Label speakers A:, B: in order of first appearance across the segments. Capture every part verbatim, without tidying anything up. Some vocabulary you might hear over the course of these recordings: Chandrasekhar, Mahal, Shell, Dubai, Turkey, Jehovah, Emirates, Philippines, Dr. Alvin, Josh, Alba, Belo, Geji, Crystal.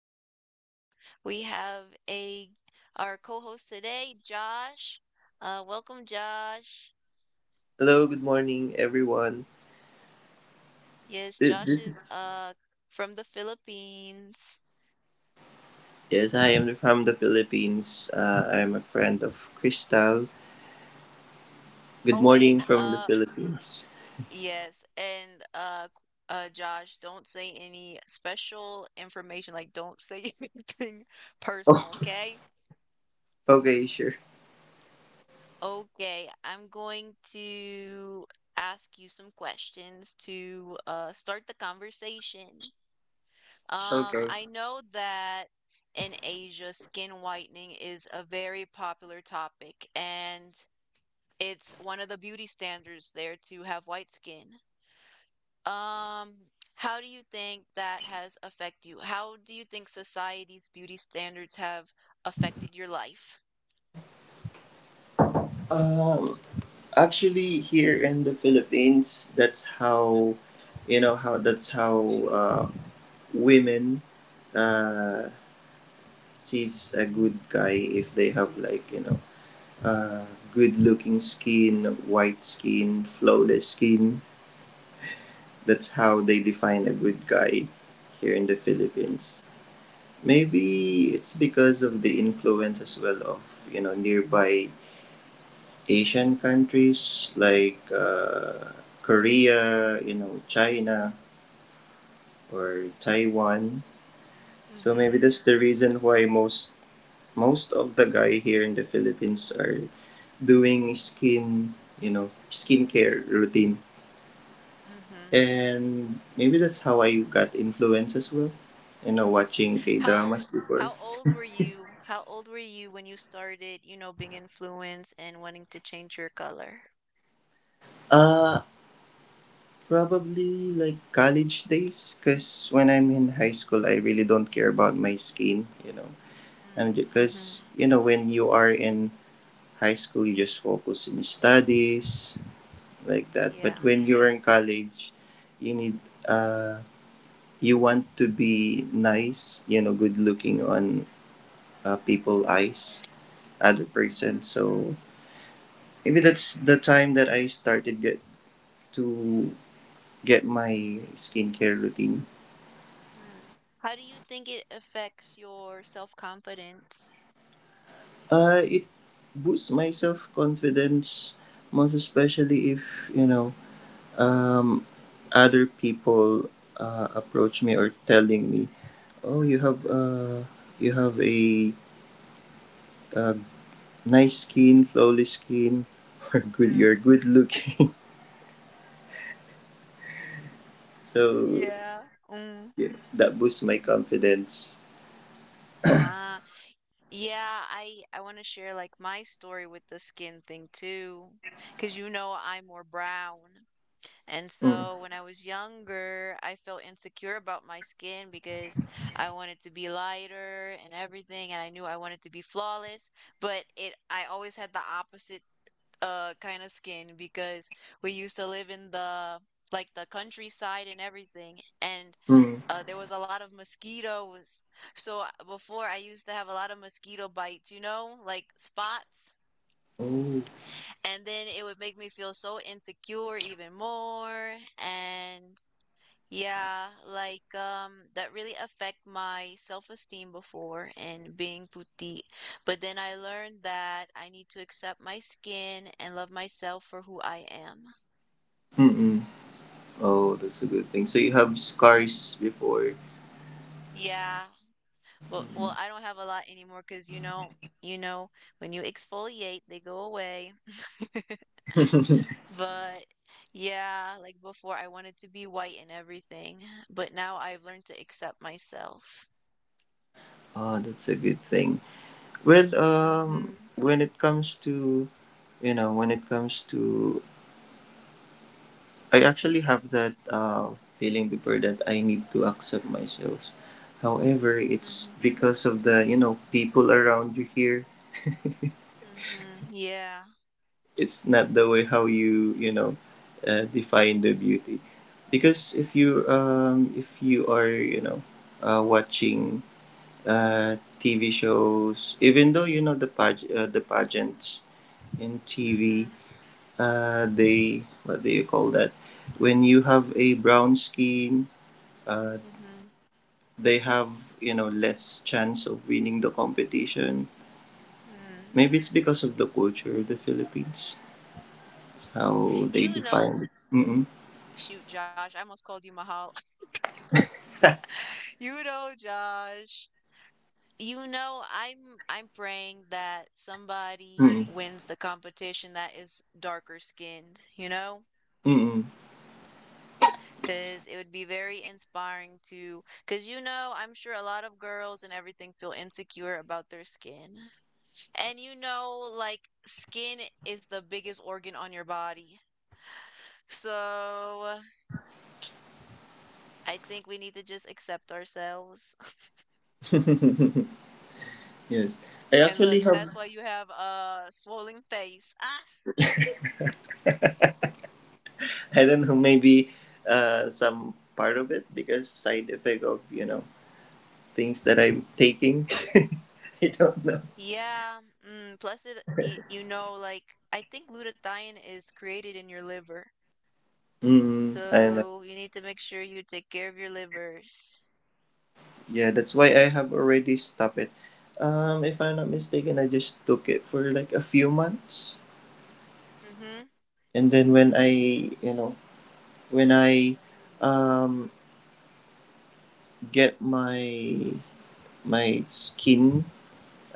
A: Crystal. We have a our co-host today, Josh. Uh, welcome, Josh.
B: Hello, good morning, everyone.
A: Yes,
B: This,
A: Josh
B: this
A: is
B: is
A: uh from the Philippines.
B: yes, I am from the Philippines. Uh, I am a friend of Crystal. Good
A: Oh,
B: morning
A: and
B: from the
A: uh,
B: Philippines.
A: yes, and uh, uh, Josh, don't say any special information. Like, don't say anything personal,
B: Oh,
A: okay?
B: okay, sure.
A: Okay, I'm going to ask you some questions to uh, start the conversation. Um,
B: Okay.
A: I know that in Asia, skin whitening is a very popular topic, and it's one of the beauty standards there to have white skin. Um, how do you think that has affected you? How do you think society's beauty standards have affected your life?
B: Um, Actually, here in the Philippines, that's how, you know, how that's how uh, women uh, sees a good guy if they have like you know, uh, good looking skin, white skin, flawless skin. That's how they define a good guy here in the
A: Mm-hmm.
B: Philippines. Maybe it's because of the influence as well of you know nearby Asian countries like uh, Korea, you know China or Taiwan. So
A: Mm-hmm.
B: maybe that's the reason why most most of the guy here in the Philippines are doing skin you know skincare routine.
A: Mm-hmm.
B: And maybe that's how I got influenced as well. You know, watching K
A: How
B: dramas
A: how
B: before.
A: old were you? How old were you when you started, you know, being influenced and wanting to change your color?
B: Uh, Probably like college days, because when I'm in high school, I really don't care about my skin, you know. And
A: Mm, mm-hmm.
B: because, you know, when you are in high school, you just focus in studies, like that.
A: Yeah.
B: But when you're in college, you need, uh, you want to be nice, you know, good looking on uh,
A: Mm-hmm.
B: people
A: Mm-hmm.
B: eyes, other
A: Mm-hmm.
B: person. So maybe that's the time that I started get to get my skincare routine.
A: Mm. How do you think it affects your self-confidence?
B: Uh, it boosts my self confidence, most especially if you know um, other people uh, approach me or telling me, "Oh, you have
A: Mm.
B: uh, you have a, uh nice skin, flawless skin, or good. You're
A: Mm.
B: good looking." So
A: Yeah. Mm.
B: yeah, that boosts my confidence.
A: Ah, yeah, I I want to share like my story with the skin thing too, 'cause you know I'm more brown. And
B: Mm.
A: so when I was younger, I felt insecure about my skin because I wanted to be lighter and everything, and I knew I wanted to be flawless, but it I always had the opposite uh kind of skin because we used to live in the like the countryside and everything, and
B: Mm.
A: uh, there was a lot of mosquitoes. So I- before I used to have a lot of mosquito bites, you know, like spots,
B: Oh.
A: and then it would make me feel so insecure even more, and yeah, like um that really affect my self-esteem before and being puti. But then I learned that I need to accept my skin and love myself for who I am.
B: Mm-mm. Oh, that's a good thing. So you have scars before.
A: Yeah. But well, I don't have a lot anymore because you know, you know, when you exfoliate, they go away. But yeah, like before I wanted to be white and everything, but now I've learned to accept myself.
B: Oh, that's a good thing. Well, um,
A: Mm-hmm.
B: when it comes to, you know, when it comes to, I actually have that uh, feeling before that I need to accept myself. However, it's
A: Mm-hmm.
B: because of the, you know, people around you here.
A: Mm-hmm. Yeah.
B: It's not the way how you, you know, uh, define the beauty. Because if you, um, if you are, you know, uh, watching uh, T V shows, even though you know the page, uh, the pageants in T V,
A: Mm-hmm.
B: uh, they what do you call that? When you have a brown skin, uh,
A: Mhm.
B: they have you know less chance of winning the competition.
A: Mm.
B: Maybe it's because of the culture of the Philippines. It's how they
A: You know,
B: define it. Mm-mm.
A: shoot, Josh, I almost called you Mahal. You know, Josh. You know, I'm I'm praying that somebody
B: Mm-mm.
A: wins the competition that is darker skinned, you know?
B: Mm-mm.
A: 'Cause it would be very inspiring to, 'cause you know, I'm sure a lot of girls and everything feel insecure about their skin. And you know, like skin is the biggest organ on your body. So, I think we need to just accept ourselves.
B: Yes, I
A: And look,
B: actually have.
A: that's why you have a swollen face. Ah,
B: I don't know. Maybe uh, some part of it because side effect of you know things that I'm taking. I don't know.
A: yeah. Mm, plus, it y- you know, like I think glutathione is created in your liver,
B: Mm, I know.
A: so you need to make sure you take care of your livers.
B: Yeah, that's why I have already stopped it. Um, if I'm not mistaken, I just took it for like a few months,
A: Mm-hmm.
B: and then when I, you know, when I, um, get my my skin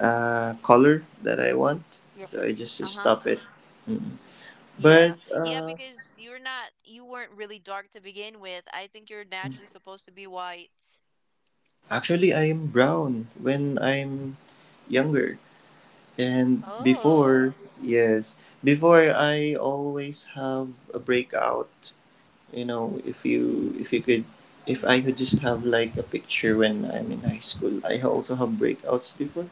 B: uh color that I want,
A: Yeah.
B: so I just
A: Uh-huh.
B: stop it. But
A: Yeah. Yeah,
B: uh,
A: because you're not, you weren't really dark to begin with. I think you're naturally supposed to be white.
B: actually, I am brown when I'm younger. And before,
A: Oh.
B: yes, before I always have a breakout. You know, if you if you could, if
A: Mm-hmm.
B: I could just have like a picture when I'm in high school. I also have breakouts before,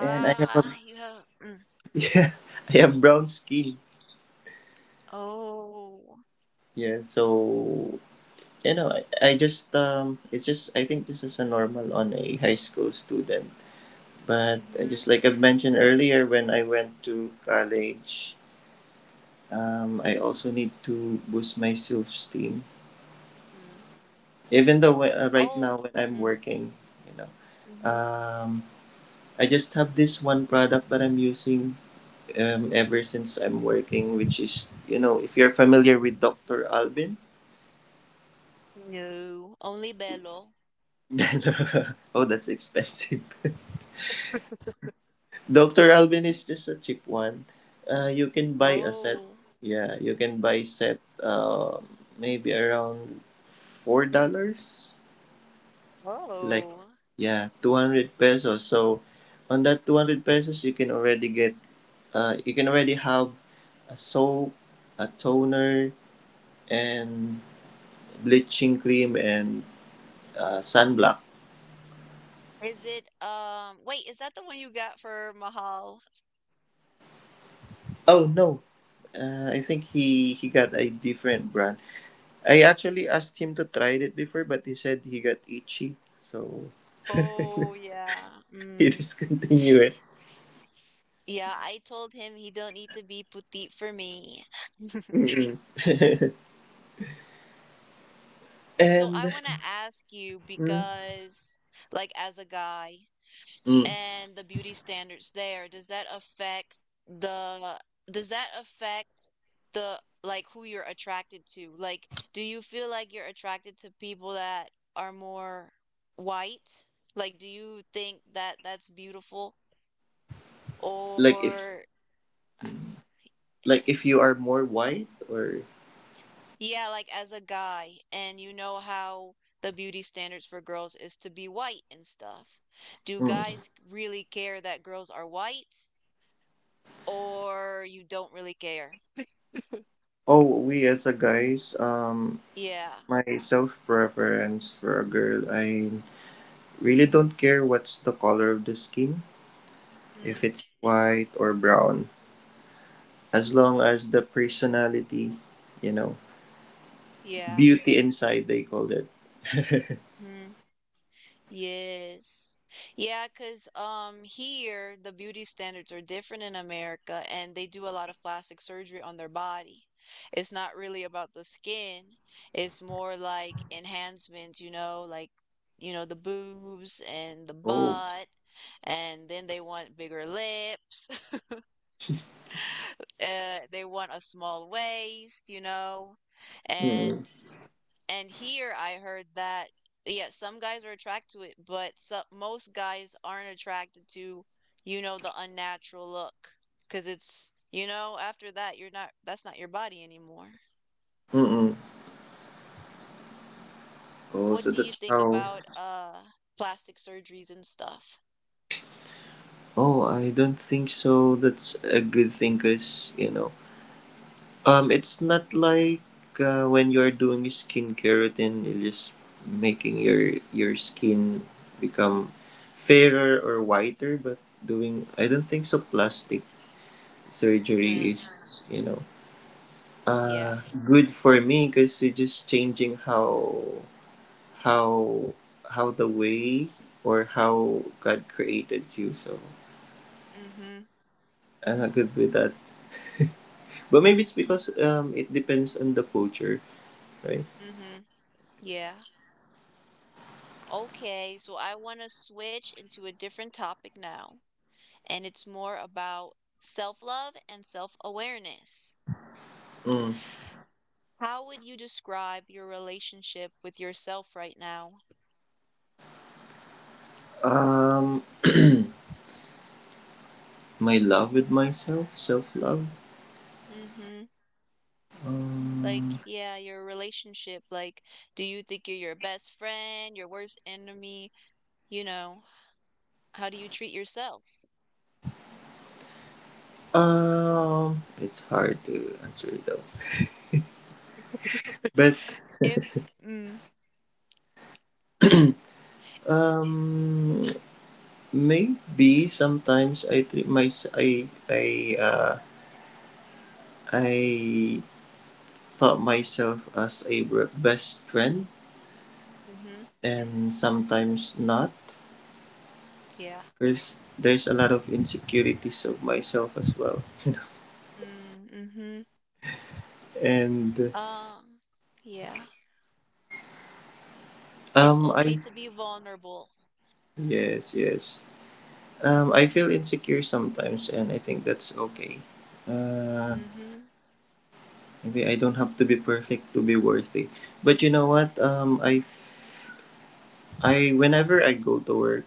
B: and I have a,
A: you have. Mm.
B: yeah, I have brown skin.
A: Oh.
B: Yeah, so you know, I, I just um, it's just I think this is a normal on a high school student. But uh,
A: Mm-hmm.
B: just like I mentioned earlier, when I went to college, Um, I also need to boost my self esteem.
A: Mm.
B: Even though uh, right
A: Oh.
B: now when I'm
A: Mm-hmm.
B: working, you know,
A: Mm-hmm.
B: um, I just have this one product that I'm using um, ever since I'm working, which is, you know, if you're familiar with doctor Alvin,
A: No, only Belo.
B: then, uh, oh, that's expensive. doctor Alvin is just a cheap one. Uh, you can buy a set.
A: Oh,
B: Yeah, you can buy set uh, maybe around four dollars. Like
A: oh.
B: yeah two hundred pesos so on that two hundred pesos you can already get uh, you can already have a soap, a toner, and bleaching cream, and uh, sunblock.
A: Is it, um, wait, is that the one you got for Mahal?
B: Oh no, uh, I think he he got a different brand. I actually asked him to try it before but he said he got itchy, so
A: Oh, yeah.
B: he
A: Mm.
B: discontinued it.
A: Yeah, I told him he don't need to be petite for me.
B: Mm.
A: So I
B: And
A: want to ask you
B: mm,
A: because, like, as a guy,
B: mm,
A: and the beauty standards there, does that affect the does that affect the like who you're attracted to? Like, do you feel like you're attracted to people that are more white? Like, do you think that that's beautiful?
B: like if
A: Or
B: mm, like if you are more white or
A: yeah, like as a guy, and you know how the beauty standards for girls is to be white and stuff. Do
B: hmm.
A: guys really care that girls are white, or you don't really care?
B: Oh we as a guys um
A: Yeah.
B: my self preference for a girl I really don't care what's the color of the skin if
A: Mm.
B: it's white or brown as long as the personality you know
A: Yeah.
B: beauty inside they called it.
A: Mm. Yes. Yeah, 'cause um here the beauty standards are different in America, and they do a lot of plastic surgery on their body. It's not really about the skin. It's more like enhancements, you know, like you know the boobs and the
B: Oh
A: butt, and then they want bigger lips. Uh they want a small waist, you know. And
B: mm.
A: And here I heard that, yeah, some guys are attracted to it, but so most guys aren't attracted to, you know, the unnatural look. Because it's, you know, after that, you're not, that's not your body anymore.
B: Mm-mm. Oh
A: What
B: so
A: do you
B: that's
A: think
B: how
A: about uh plastic surgeries and stuff?
B: oh I don't think so that's a good thing cause you know Um, it's not like uh, when you're doing skincare routine, it is making your your skin become fairer or whiter. But doing, I don't think so. Plastic surgery
A: Mm,
B: is, you know,
A: yeah.
B: uh, good for me because it's just changing how how how the way or how God created you. So
A: Mm-hmm.
B: I'm not good with that. But maybe
A: Mm-hmm.
B: it's because um, it depends on the culture, right?
A: Mm-hmm. Yeah. Okay, so I want to switch into a different topic now, and it's more about self-love and self-awareness.
B: Mm.
A: How would you describe your relationship with yourself right now?
B: Um, my love with myself, self love.
A: Mm-hmm. Like,
B: Um,
A: yeah, your relationship. Like, do you think you're your best friend, your worst enemy? You know, how do you treat yourself?
B: um, it's hard to answer though. But
A: If, mm,
B: um, maybe sometimes I treat my I I uh I thought myself as a br- best friend,
A: mm-hmm.
B: and sometimes not.
A: Yeah.
B: Cause there's a lot of insecurities of myself as well,
A: Mm, mm-hmm.
B: and
A: Um, yeah. It's
B: um
A: okay
B: I
A: to be vulnerable.
B: yes yes. Um, I feel insecure sometimes, and I think that's okay. Uh,
A: Mm-hmm.
B: Maybe I don't have to be perfect to be worthy. But you know what? Um, I, I whenever I go to work,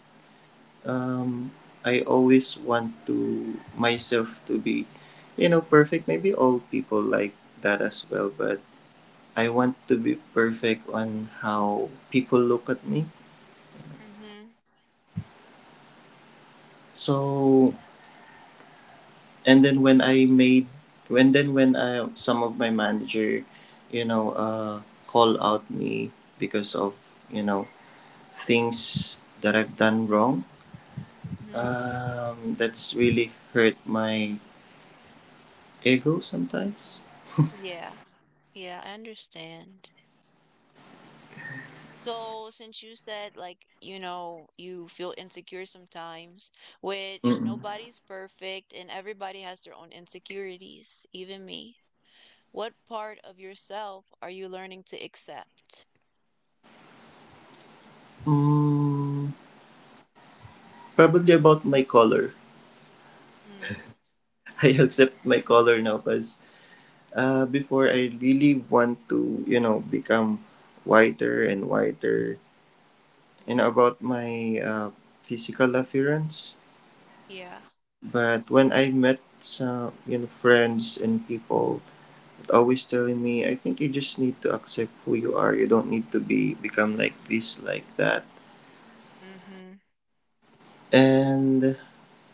B: um, I always want to myself to be, you know, perfect. Maybe all people like that as well, but I want to be perfect on how people look at me.
A: Mm-hmm.
B: So and then when I made when then when I some of my manager, you know, uh, call out me because of you know things that I've done wrong.
A: Mm-hmm.
B: Um, that's really hurt my ego sometimes.
A: Yeah. Yeah, I understand. So, since you said, like, you know, you feel insecure sometimes, which
B: Mm-mm.
A: nobody's perfect and everybody has their own insecurities, even me, what part of yourself are you learning to accept?
B: Mm, probably about my color.
A: Hmm.
B: I accept my color now because uh, before I really want to, you know, become whiter and whiter. And
A: Mm-hmm.
B: about my uh, physical appearance,
A: Yeah.
B: but when I met some you know friends and people always telling me, I think you just need to accept who you are. You don't need to be become like this, like that.
A: Mm-hmm.
B: And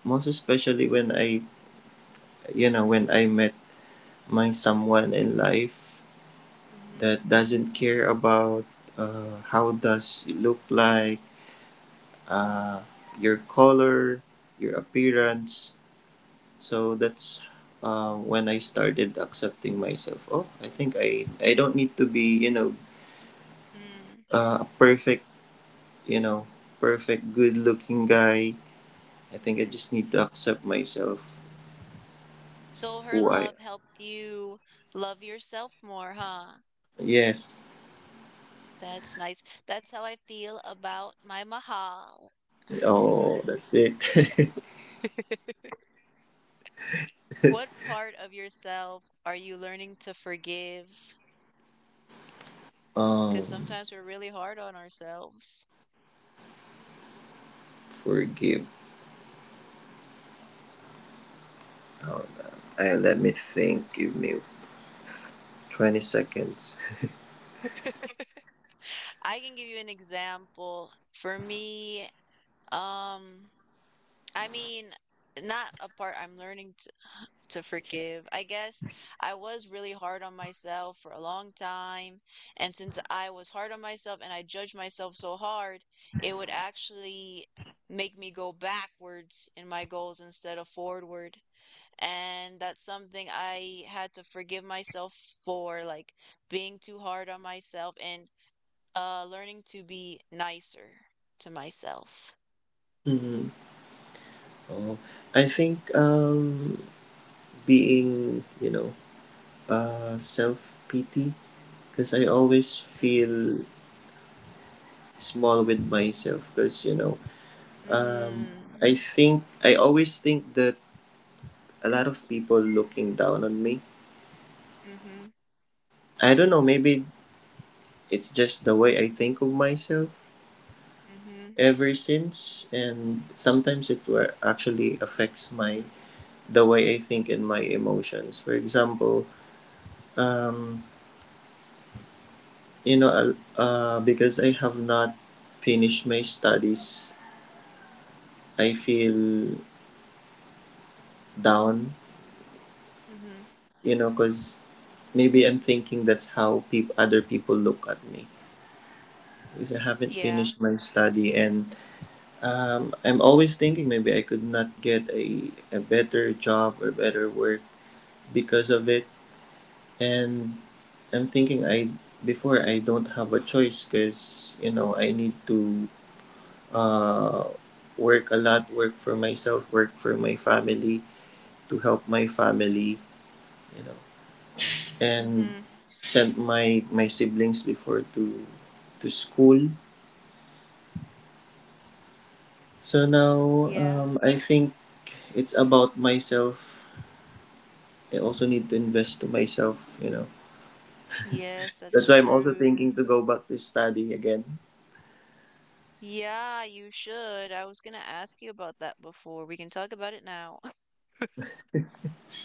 B: most especially when I you know when I met my someone in life
A: Mm-hmm.
B: that doesn't care about uh, how does it look like,
A: Mm-hmm.
B: uh, your color, your appearance. So that's uh, when I started accepting myself. Oh, I think I I don't need to be you know uh, a perfect you know perfect good looking guy. I think I
A: Mm-hmm.
B: just need to accept myself
A: So, her
B: who I am.
A: love helped you love yourself more, huh?
B: Yes.
A: That's nice. That's how I feel about my Mahal.
B: Oh, that's it.
A: What part of yourself are you learning to forgive? Because
B: um,
A: sometimes we're really hard on ourselves.
B: forgive. Hold on. I let me think. Give me twenty seconds.
A: I can give you an example. For me, um, I mean, not a part I'm learning to, to forgive. I guess I was really hard on myself for a long time. And since I was hard on myself and I judged myself so hard, it would actually make me go backwards in my goals instead of forward, and that's something I had to forgive myself for, like being too hard on myself and uh learning to be nicer to myself.
B: Hmm. Oh, I think um being you know uh self pity because I always
A: Mm.
B: feel small with myself because you know um,
A: Mm.
B: I think I always think that a lot of people looking down on me.
A: Mm-hmm.
B: I don't know, maybe it's just the way I think of myself
A: Mm-hmm.
B: ever since and sometimes it were actually affects my the way I think and my emotions. For example, um, you know, I'll- uh, because I have not finished my studies, I feel down
A: Mm-hmm.
B: you know, because maybe I'm thinking that's how peop- other people look at me. Because I haven't
A: Yeah.
B: finished my study, and um, I'm always thinking maybe I could not get a, a better job or better work because of it. And I'm thinking I before I don't have a choice because you know I need to uh, work a lot, work for myself, work for my family to help my family. You know, and
A: Mm-hmm.
B: sent my my siblings before to to school. So now
A: Yeah.
B: um, I think it's about myself. I also need to invest to myself, you know.
A: Yes,
B: That's
A: that's
B: why I'm also
A: true.
B: thinking to go back to study again.
A: Yeah, you should. I was gonna ask you about that before. We can talk about it now.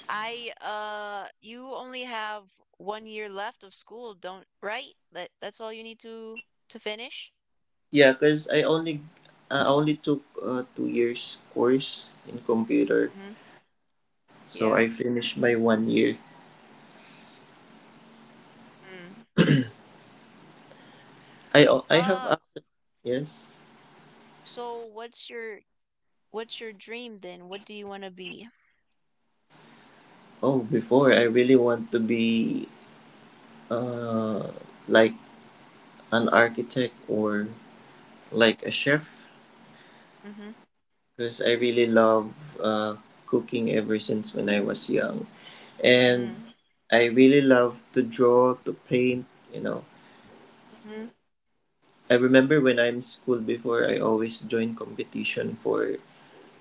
A: I uh you only have one year left of school, don't right? That that's all you need to to finish?
B: Yeah, cause I only I only took uh, two years course in computer,
A: Hmm.
B: so
A: Yeah.
B: I finished my one year.
A: Mm.
B: I al- I have
A: Uh
B: a yes.
A: so what's your what's your dream then? What do you want to be?
B: Oh, before I really want to be uh like an architect or like a chef
A: Mm-hmm.
B: because I really love uh, cooking ever since when I was young. And
A: Mm.
B: I really love to draw, to paint, you know.
A: Mm-hmm.
B: I remember when I'm in school before, I always join competition for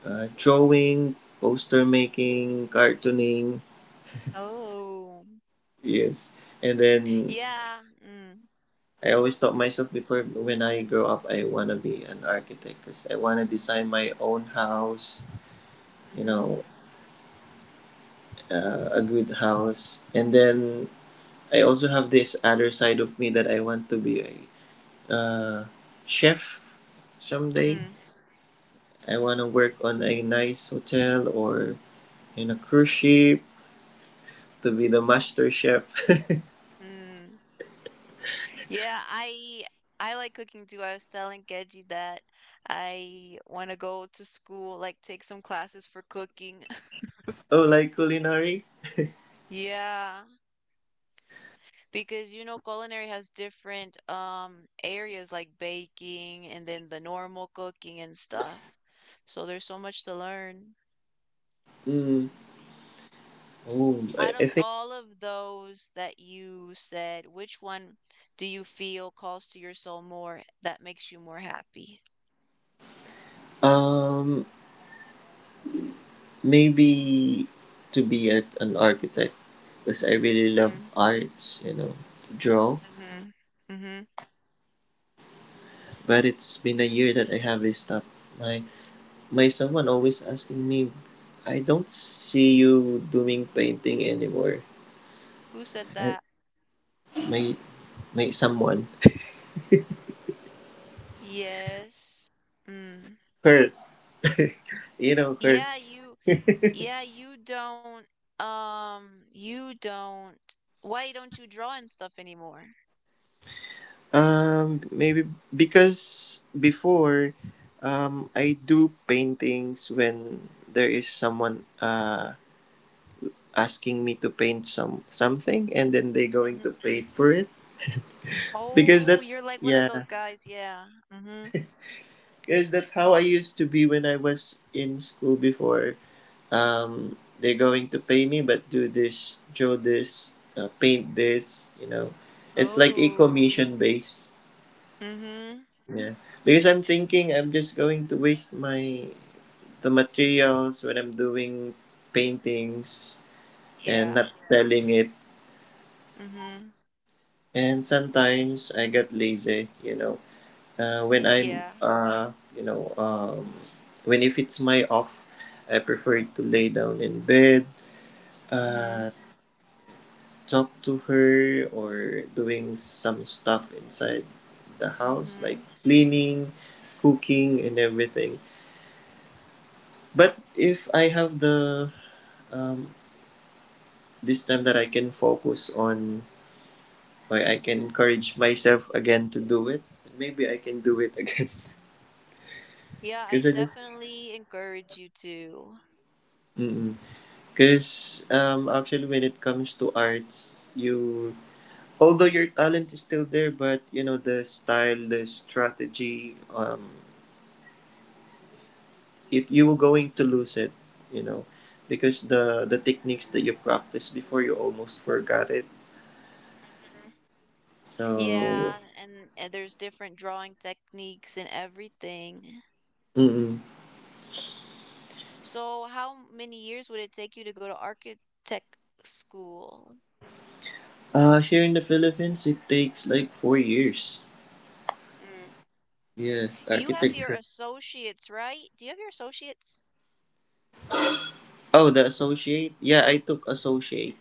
B: uh, drawing, poster making, cartooning.
A: Oh.
B: Yes. And then
A: Yeah. Mm.
B: I always thought myself before when I grow up, I want to be an architect because I want to design my own house, you
A: Mm-hmm.
B: know, uh, a good house. And then I also have this other side of me that I want to be a uh, chef someday.
A: Mm.
B: I want to work on a nice hotel or in a cruise ship to be the master chef.
A: Mm. Yeah, I I like cooking too. I was telling Geji that I want to go to school, like take some classes for cooking.
B: Oh, like culinary?
A: Yeah. Because you know culinary has different um areas like baking and then the normal cooking and stuff. So there's so much to learn.
B: Mm. Oh, I,
A: Out
B: I
A: of
B: think
A: all of those that you said, which one do you feel calls to your soul more that makes you more happy?
B: um maybe to be a, an architect because I really love
A: Mm,
B: arts, you know, to draw.
A: mhm. Mhm.
B: But it's been a year that I have stopped my My someone always asking me, I don't see you doing painting anymore.
A: Who said
B: Uh,
A: that?
B: My my someone,
A: Yes. Mm.
B: her,
A: Y-
B: you know her.
A: Yeah, you yeah, you don't um you don't why don't you draw and stuff anymore?
B: Um, maybe because before, um, I do paintings when there is someone uh asking me to paint some something, and then they going
A: Mhm.
B: to pay for it. Because
A: Oh,
B: that's
A: you're like one of
B: Yeah,
A: those guys, yeah. Mhm.
B: because that's how I used to be when I was in school before. Um, they're going to pay me, but do this, draw this, uh, paint this, you know. It's like a
A: Oh.
B: commission base.
A: Mhm.
B: Yeah. Because I'm thinking I'm just going to waste my the materials when I'm doing paintings and
A: Yeah.
B: not selling it.
A: Mhm.
B: And sometimes I get lazy, you know. Uh, when I'm
A: Yeah.
B: uh, you know, um, when if it's my off, I prefer to lay down in bed, uh,
A: Mhm.
B: talk to her or doing some stuff inside the house, like
A: Mhm.
B: cleaning, cooking, and everything. But if I have the um, this time that I can focus on, or I can encourage myself again to do it, maybe I can do it again.
A: Yeah, I
B: Because I just,
A: definitely encourage you to.
B: because um, actually, when it comes to arts, you although your talent is still there, but you know the style, the strategy, um, it you were going to lose it, you know, because the the techniques that you practiced before you almost forgot it.
A: Mhm.
B: So,
A: Yeah, and, and there's different drawing techniques and everything.
B: mm
A: So, how many years would it take you to go to architect school?
B: uh, here in the Philippines, it takes like four years.
A: Mm.
B: Yes,
A: You have your
B: architecture.
A: associates, right? Do you have your associates?
B: Oh, the associate. Yeah, I took associate.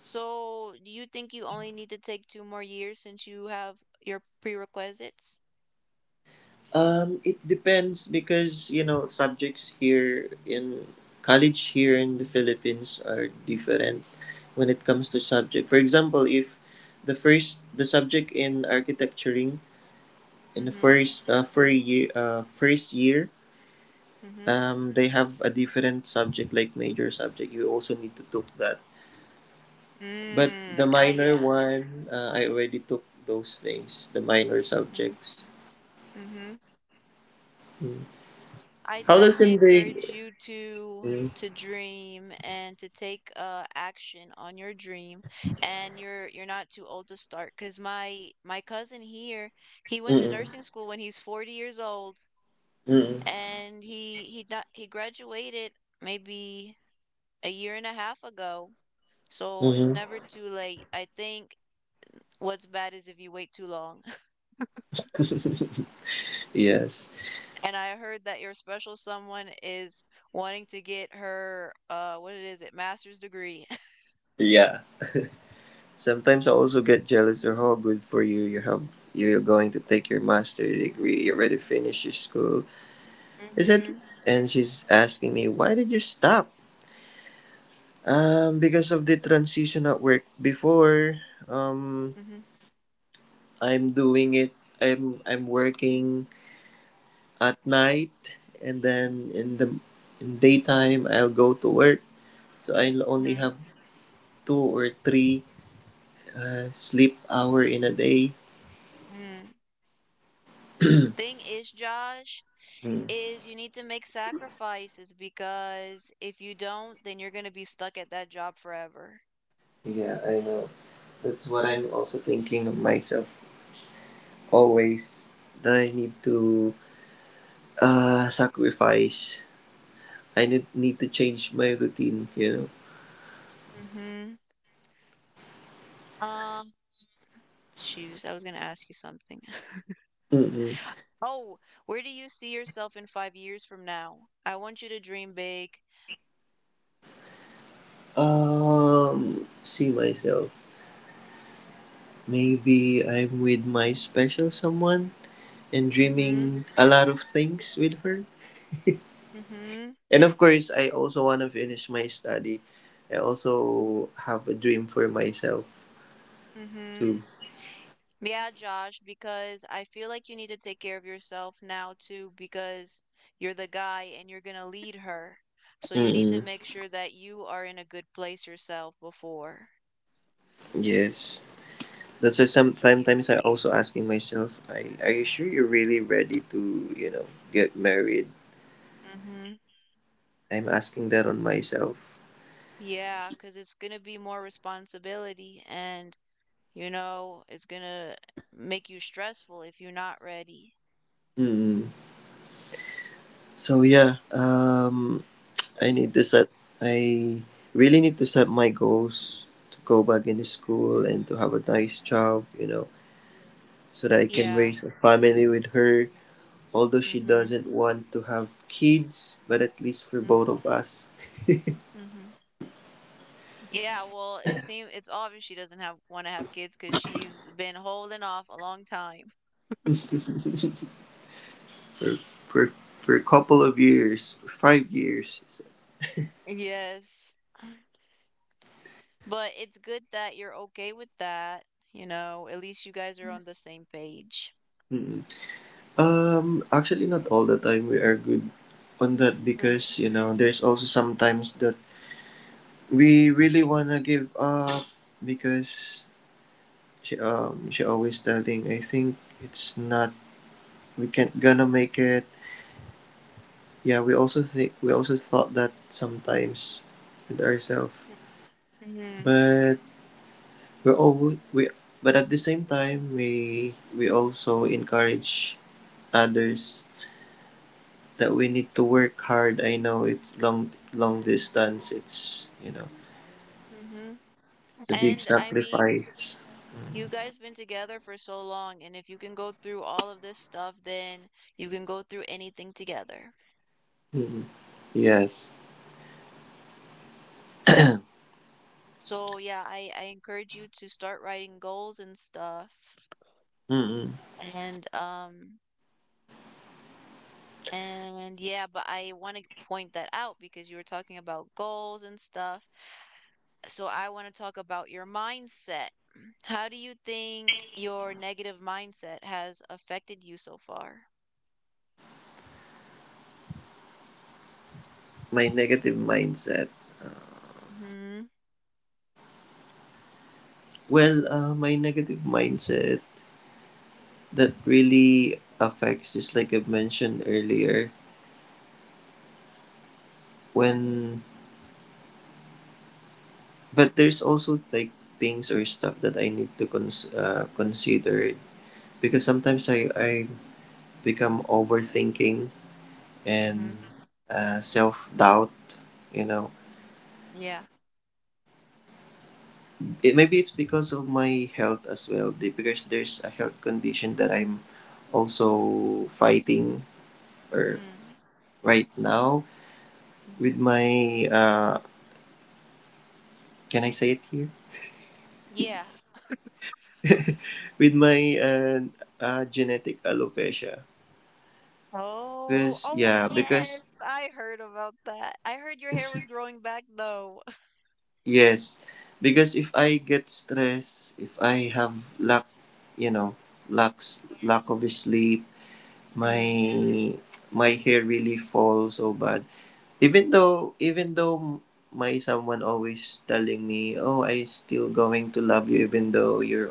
A: So, do you think you only need to take two more years since you have your prerequisites?
B: Um, it depends because you know subjects here in college here in the Philippines are different when it comes to subject. For example, if the first the subject in architecturing in the
A: Mm-hmm.
B: first uh, first year uh, first year
A: Mm-hmm.
B: um, they have a different subject like major subject you also need to took that, but the
A: Mm. Ah,
B: minor
A: yeah.
B: one uh, I already took those things, the minor
A: Mm-hmm.
B: subjects
A: Mm-hmm. I
B: how does
A: definitely
B: in
A: encourage
B: the
A: you to
B: Mm,
A: to dream and to take uh action on your dream. And you're you're not too old to start. Cause my my cousin here, he went to
B: mm,
A: nursing school when he's forty years old,
B: mm,
A: and he he not, he graduated maybe a year and a half ago. So
B: mm,
A: it's
B: mm.
A: never too late. I think what's bad is if you wait too long.
B: Yes.
A: And I heard that your special someone is wanting to get her uh what it is it master's degree.
B: Yeah, sometimes I also get jealous or how good for you. You have You're going to take your master degree. You already finished your school is it
A: Mhm.
B: And she's asking me, why did you stop? Um, because of the transition at work before, um,
A: Mhm.
B: I'm doing it. I'm I'm working at night, and then in the in daytime I'll go to work. So I'll only
A: Mhm.
B: have two or three uh, sleep hour in a day.
A: Mhm. Thing is, Josh,
B: Hmm.
A: is you need to make sacrifices because if you don't, then you're going to be stuck at that job forever.
B: Yeah, I know. That's what I'm also thinking of myself always. That I need to uh sacrifice. I need need to change my routine. You know.
A: Mhm. Um, shoes. I was going to ask you something.
B: Mm-mm.
A: Oh, where do you see yourself in five years from now? I want you to dream big.
B: Um, see myself. Maybe I'm with my special someone and
A: Mm-hmm.
B: dreaming a lot of things with her.
A: Mm-hmm.
B: And of course, I also want to finish my study. I also have a dream for myself
A: Mm-hmm.
B: too.
A: Yeah, Josh, because I feel like you need to take care of yourself now too, because you're the guy and you're gonna lead her. So you need to
B: Mm-mm.
A: make sure that you are in a good place yourself before.
B: Yes. That's why some, sometimes I also asking myself, I, are you sure you're really ready to, you know, get married?
A: Mm-hmm.
B: I'm asking that on myself.
A: Yeah, because it's gonna be more responsibility, and you know, it's gonna make you stressful if you're not ready.
B: Mm-mm. So yeah, um, I need to set I really need to set my goals to go back into school and to have a nice job, you know, so that I can
A: Yeah.
B: raise a family with her. Although she
A: Mm-hmm.
B: doesn't want to have kids, but at least for both of us,
A: Mm-hmm. Yeah, well, it seems it's obvious she doesn't have want to have kids because she's been holding off a long time.
B: for for for a couple of years, for five years. She said.
A: Yes. But it's good that you're okay with that. You know, at least you guys are on the same page.
B: Mm. Um, actually, not all the time we are good on that
A: Mm-hmm.
B: because you know there's also sometimes that we really wanna give up, because she um she always telling, I think it's not we can't gonna make it. Yeah, we also think we also thought that sometimes with ourselves,
A: Hmm.
B: but we're all we but at the same time we we also encourage others that we need to work hard. I know it's long long distance. It's you know
A: And
B: it's a big
A: I mean,
B: sacrifice.
A: you guys been together for so long, and if you can go through all of this stuff, then you can go through anything together.
B: Mm, yes.
A: So yeah, I I encourage you to start writing goals and stuff.
B: Mm-mm.
A: And um And yeah, but I want to point that out because you were talking about goals and stuff. So I want to talk about your mindset. How do you think your negative mindset has affected you so far?
B: My negative mindset. Uh,
A: Mm-hmm.
B: Well, uh, my negative mindset that really affects, just like I've mentioned earlier, when but there's also like things or stuff that I need to cons- uh, consider, because sometimes i i become overthinking and
A: Mm-hmm.
B: uh, self-doubt, you know.
A: Yeah.
B: It maybe it's because of my health as well the- because there's a health condition that I'm also fighting or
A: Mm,
B: right now with
A: hmm
B: my, uh can I say it here?
A: Yeah.
B: With my uh, uh, genetic alopecia.
A: Oh,
B: Because
A: oh
B: yeah,
A: yes,
B: because
A: I heard about that. I heard your hair was growing back though.
B: yes, because if I get stressed, if I have lack, you know, lacks lack of sleep,
A: Mm,
B: my my hair really falls so bad. Even though even though my someone always telling me, oh, I still going to love you even though you're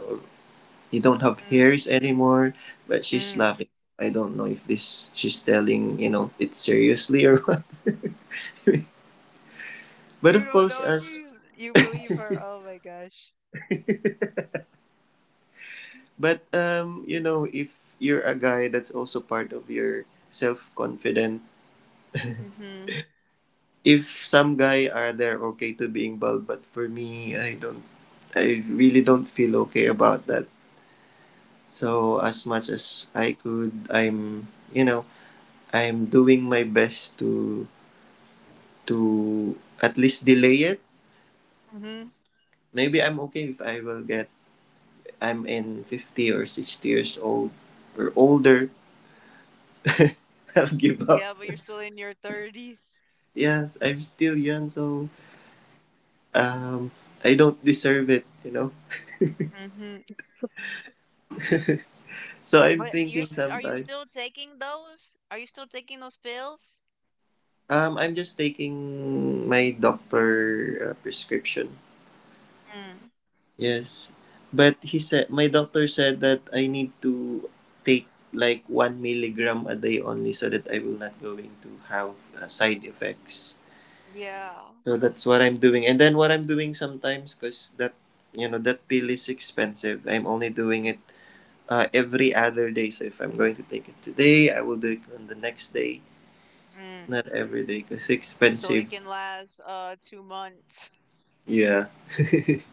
B: you don't have hairs
A: mm,
B: anymore, but she's
A: mm.
B: laughing. I don't know if this she's telling you know it seriously or But
A: You
B: of
A: don't
B: course,
A: know if
B: as
A: she's, You believe her. Oh my gosh.
B: but um, you know, if you're a guy, that's also part of your self confident.
A: Mm-hmm.
B: If some guy are there okay to being bald, but for me, I don't, I really don't feel okay about that. So as much as I could, I'm you know, I'm doing my best to to at least delay it.
A: Mm-hmm.
B: Maybe I'm okay if I will get I'm in fifty or sixty years old or older. I'll give up.
A: Yeah, but you're still in your thirties.
B: Yes, I'm still young, so um, I don't deserve it, you know.
A: Hmm.
B: So I'm
A: But you're
B: thinking
A: s- are you
B: sometimes.
A: still taking those? Are you still taking those pills?
B: Um, I'm just taking my doctor uh, prescription.
A: Mm.
B: Yes, but he said my doctor said that I need to take like one milligram a day only, so that I will not going to have uh, side effects.
A: Yeah.
B: So that's what I'm doing, and then what I'm doing sometimes, cause that you know that pill is expensive. I'm only doing
A: Mm.
B: it uh, every other day. So if I'm going to take it today, I will do it on the next day,
A: Mm.
B: not every day because
A: So
B: expensive.
A: it can last uh two months.
B: Yeah.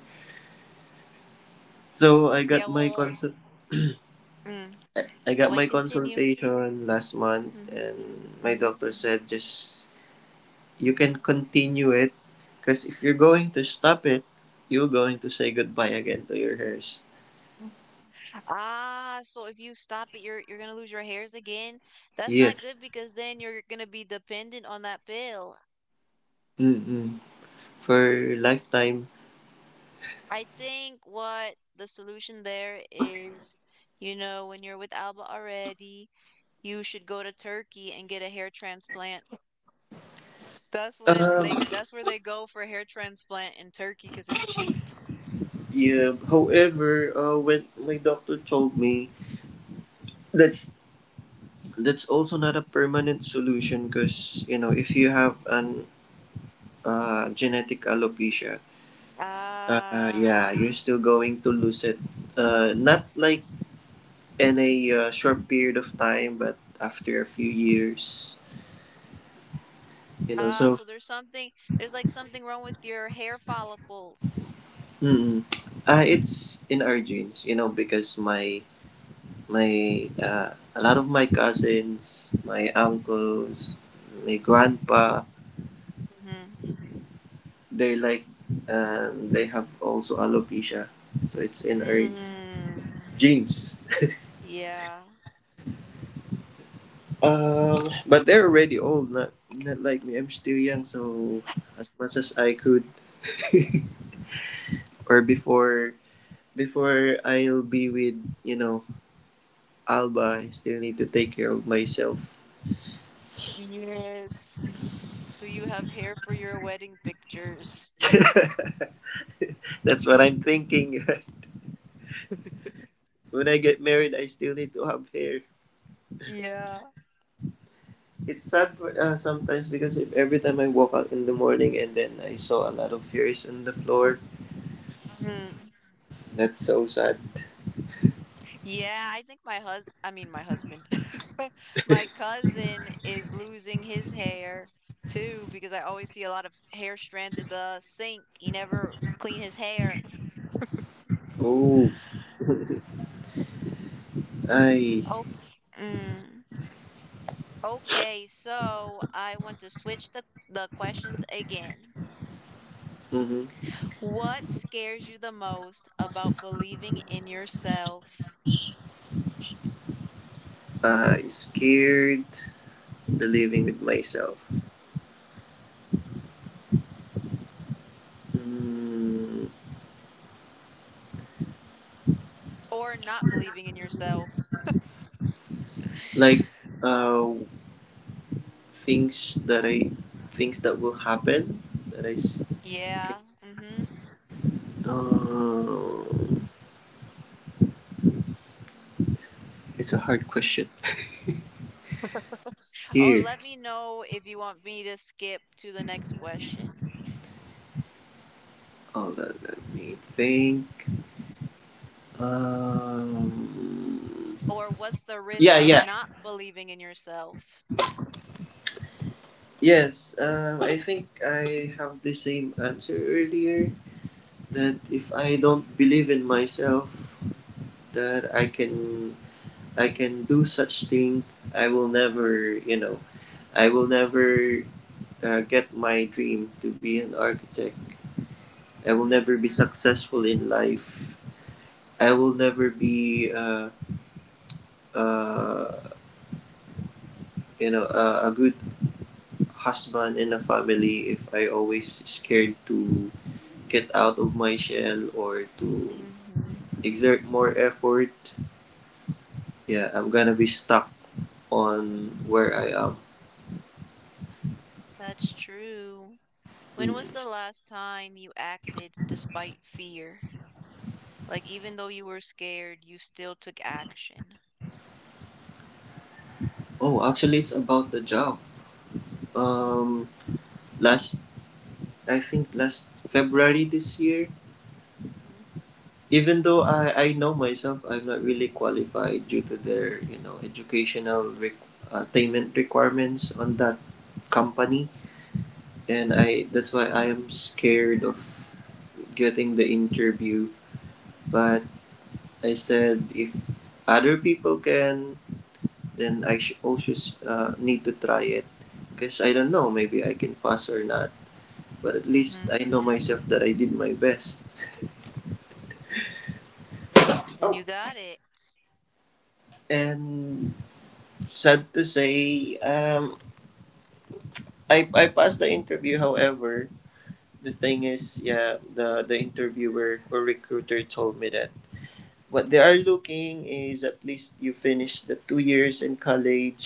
B: so I
A: Yeah,
B: got my
A: well,
B: consult.
A: mm.
B: I got my
A: Wait, continue.
B: consultation last month,
A: Mm-hmm.
B: and my
A: Mm-hmm.
B: doctor said, just, you can continue it, because if you're going to stop it, you're going to say goodbye again to your hairs.
A: Ah, so if you stop it, you're you're gonna lose your hairs again. That's not
B: Yes.
A: good because then you're gonna be dependent on that pill.
B: Mm-mm. For lifetime.
A: I think what the solution there is, you know, when you're with Alba already, you should go to Turkey and get a hair transplant. That's what
B: Um.
A: they that's where they go for hair transplant in Turkey 'cause it's cheap.
B: Yeah. However, uh, when my doctor told me, that's that's also not a permanent solution, because you know if you have an uh, genetic alopecia, uh,
A: Ah,
B: yeah you're still going to lose it, uh, not like in a uh, short period of time, but after a few years, you know
A: ah,
B: so
A: so there's something there's like something wrong with your hair follicles.
B: mm, uh, it's in our genes you know because my my uh, a lot of my cousins, my uncles, my grandpa,
A: Mm-hmm.
B: they're like, um, they have also alopecia, so it's in our
A: Mm,
B: jeans.
A: yeah.
B: Um, but they're already old. Not not like me. I'm still young, so as much as I could, or before before I'll be with you know Alba, I still need to take care of myself.
A: Yes. So you have hair for your wedding pictures.
B: That's what I'm thinking. When I get married, I still need to have hair.
A: Yeah.
B: It's sad for, uh, sometimes, because if every time I walk out in the morning and then I saw a lot of hairs on the floor,
A: Hmm.
B: that's so sad.
A: Yeah, I think my hus I mean my husband. My cousin is losing his hair too because I always see a lot of hair strands in the sink. He never clean his hair.
B: Oh, I.
A: Okay. Mm. Okay, so I want to switch the the questions again.
B: Mm-hmm.
A: What scares you the most about believing in yourself
B: I scared the living with myself. Mm,
A: or not believing in yourself?
B: like uh, things that I, things that will happen that I s-
A: Yeah.
B: think.
A: Mm-hmm.
B: Uh, it's a hard question.
A: Oh,
B: Scared.
A: let me know if you want me to skip to the next question.
B: All that. Let me think. Um,
A: Or what's the risk
B: yeah,
A: of
B: yeah,
A: not believing in yourself?
B: yes. Um, I think I have the same answer earlier.
A: Mhm,
B: That if I don't believe in myself, that I can I can do such thing. I will never, you know, I will never uh, get my dream to be an architect. I will
A: mhm,
B: never be successful in life. I will never be, uh, uh, you know, a, a good husband and a family if I always scared to get out of my shell or to
A: mhm.
B: exert more effort. Yeah, I'm gonna be stuck on where I am.
A: That's true. When was
B: Mm.
A: the last time you acted despite fear? Like even though you were scared, you still took action.
B: Oh, actually, it's about the job. Um, last I think last February this year.
A: Mhm,
B: Even though I, I know myself, I'm not really qualified due to their you know educational requ- uh, attainment requirements on that company, and I that's why I am scared of getting the interview. But I said, if other people can, then I sh- also s- uh, need to try it, because I don't know, maybe I can pass or not. But at least
A: mhm.
B: I know myself that I did my best.
A: And
B: Oh,
A: you got it.
B: and sad to say, um, I I passed the interview. However, the thing is, yeah, the the interviewer or recruiter told me that what they are looking is at least you finish the two years in college,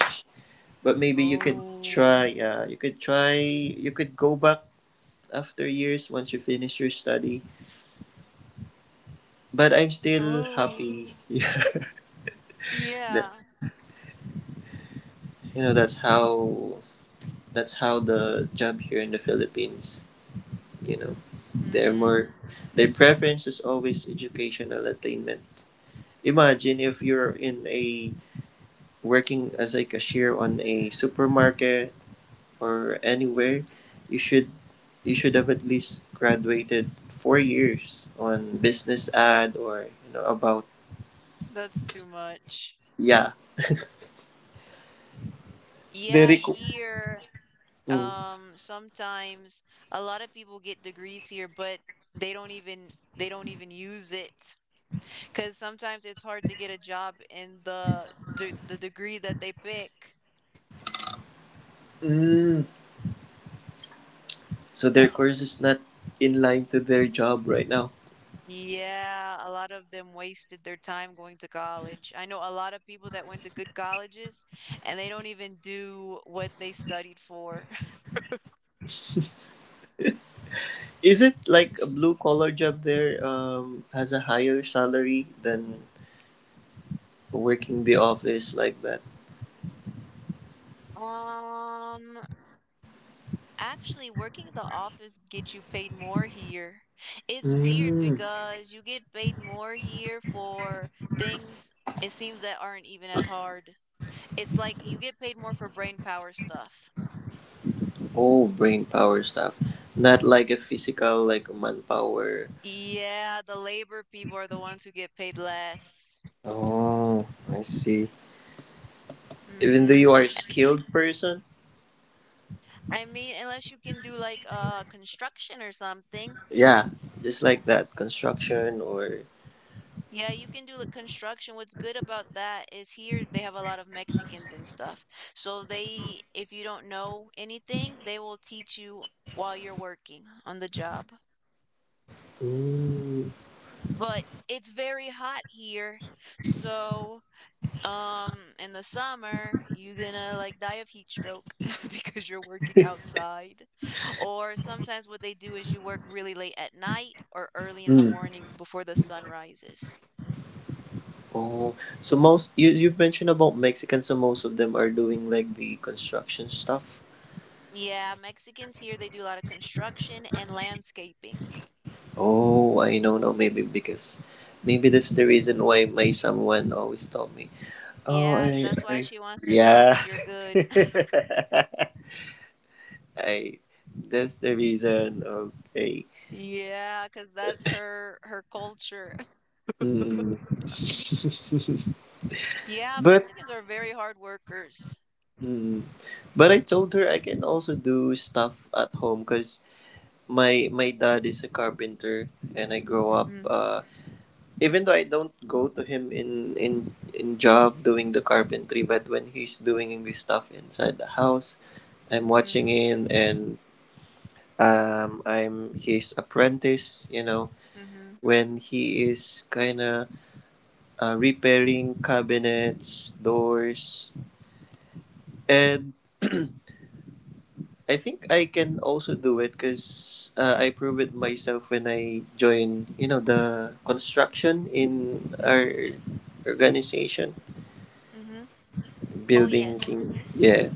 B: but maybe you could
A: Oh.
B: try. Uh, you could try. You could go back after years once you finish your study. But I'm still
A: Oh.
B: happy. Yeah, that
A: Yeah.
B: you know that's how that's how the job here in the Philippines, you know they're
A: Mm,
B: more, their preference is always educational attainment. Imagine if you're in a, working as, like, a cashier on a supermarket or anywhere, you should, you should have at least graduated four years on business ad, or you know about.
A: that's too much.
B: Yeah,
A: Yeah,
B: they
A: I
B: requ-
A: hear.
B: mm.
A: Um, sometimes a lot of people get degrees here, but they don't even they don't even use it because sometimes it's hard to get a job in the de the degree that they pick.
B: Mm. So their course is not in line to their job right now.
A: Yeah, a lot of them wasted their time going to college. I know a lot of people that went to good colleges and they don't even do what they studied for.
B: Is it like a blue collar job there, um, has a higher salary than working the office, like that?
A: Um, Actually, working the office gets you paid more here. It's weird because you get paid more here for things it seems that aren't even as hard. It's like you get paid more for brain power stuff.
B: Oh, brain power stuff. Not like a physical, like manpower.
A: Yeah, the labor people are the ones who get paid less.
B: Oh, I see. Even though
A: Mm-hmm.
B: you are a skilled person?
A: I mean, unless you can do like uh construction or something.
B: Yeah, just like that. Construction or.
A: Yeah, you can do like construction. What's good about that is here they have a lot of Mexicans and stuff. So they, if you don't know anything, they will teach you while you're working on the job.
B: Mm.
A: But it's very hot here. So, um, in the summer, you're gonna like die of heat stroke because you're working outside. Or sometimes what they do is you work really late at night or early in the
B: Mm.
A: morning before the sun rises.
B: Oh, so most. You, you mentioned about Mexicans, so most of them are doing like the construction stuff.
A: Yeah, Mexicans here, they do a lot of construction and landscaping.
B: Oh, I don't know. No, maybe because. Maybe that's the reason why my someone always told me. Oh,
A: Yeah,
B: I.
A: that's why
B: I
A: she wants to know
B: yeah.
A: if you're good.
B: I, that's the reason. Okay.
A: Yeah, cause that's her her culture.
B: Mm.
A: Yeah,
B: But
A: Mexicans are very hard workers.
B: mm, but I told her I can also do stuff at home, because my my dad is a carpenter, and I grow up.
A: Mm-hmm.
B: Uh, even though I don't go to him in in in job doing the carpentry, but when he's doing this stuff inside the house, I'm
A: Mm-hmm.
B: watching him, and um I'm his apprentice. You know,
A: Mm-hmm.
B: when he is kind of, uh, repairing cabinets, doors, and I think I can also do it, because uh, I proved it myself when I joined, you know, the construction in our organization,
A: Mm-hmm. Oh
B: building
A: yes.
B: king.
A: Mm-hmm.
B: Yeah,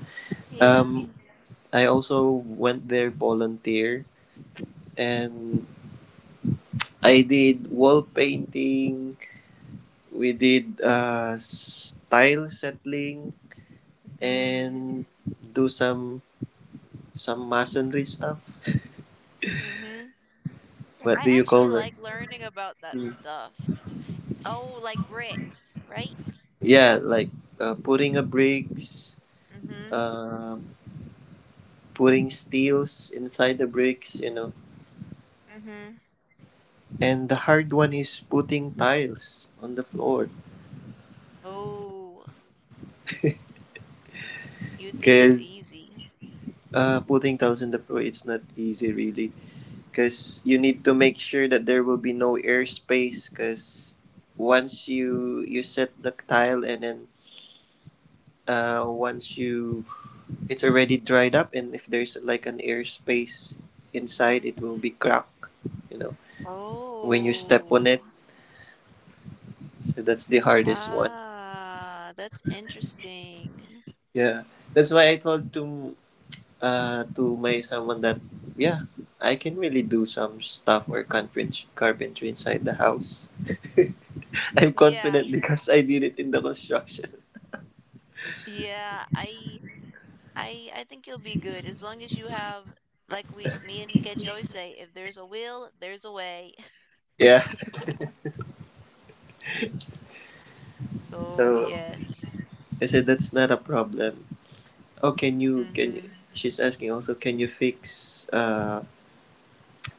A: Yeah.
B: um, I also went there volunteer, and I did wall painting. We did, uh, style settling,
A: Mm.
B: and do some some masonry stuff.
A: Mm-hmm. I
B: What do you
A: actually
B: call that?
A: like learning about that
B: Mm.
A: stuff. Oh, like bricks, right?
B: Yeah, like, uh, putting a bricks,
A: Mm-hmm.
B: uh, putting steels inside the bricks, you know.
A: Mm-hmm.
B: And the hard one is putting tiles on the floor,
A: Oh, you'd think it's
B: because,
A: easy.
B: uh, putting tiles on the floor it's not easy really, because you need to make sure that there will be no air space, because once you you set the tile, and then, uh, once you it's already dried up, and if there's like an air space
A: Mm-hmm.
B: inside, it will be cracked. You know, when you step on
A: Oh.
B: it. So that's the hardest one.
A: Ah, that's interesting.
B: Yeah, that's why I told to, uh to my someone that, yeah, I can really do some stuff or carpentry carpentry inside the house. I'm
A: Yeah.
B: confident because I did it in the construction.
A: Yeah, I I I think you'll be good as long as you have like we me and Keji always say, if there's a will, there's a way.
B: Yeah,
A: So,
B: so
A: yes.
B: I said that's not a problem. Oh, can you can? you-"
A: Mm-hmm.
B: She's asking also, can you fix, uh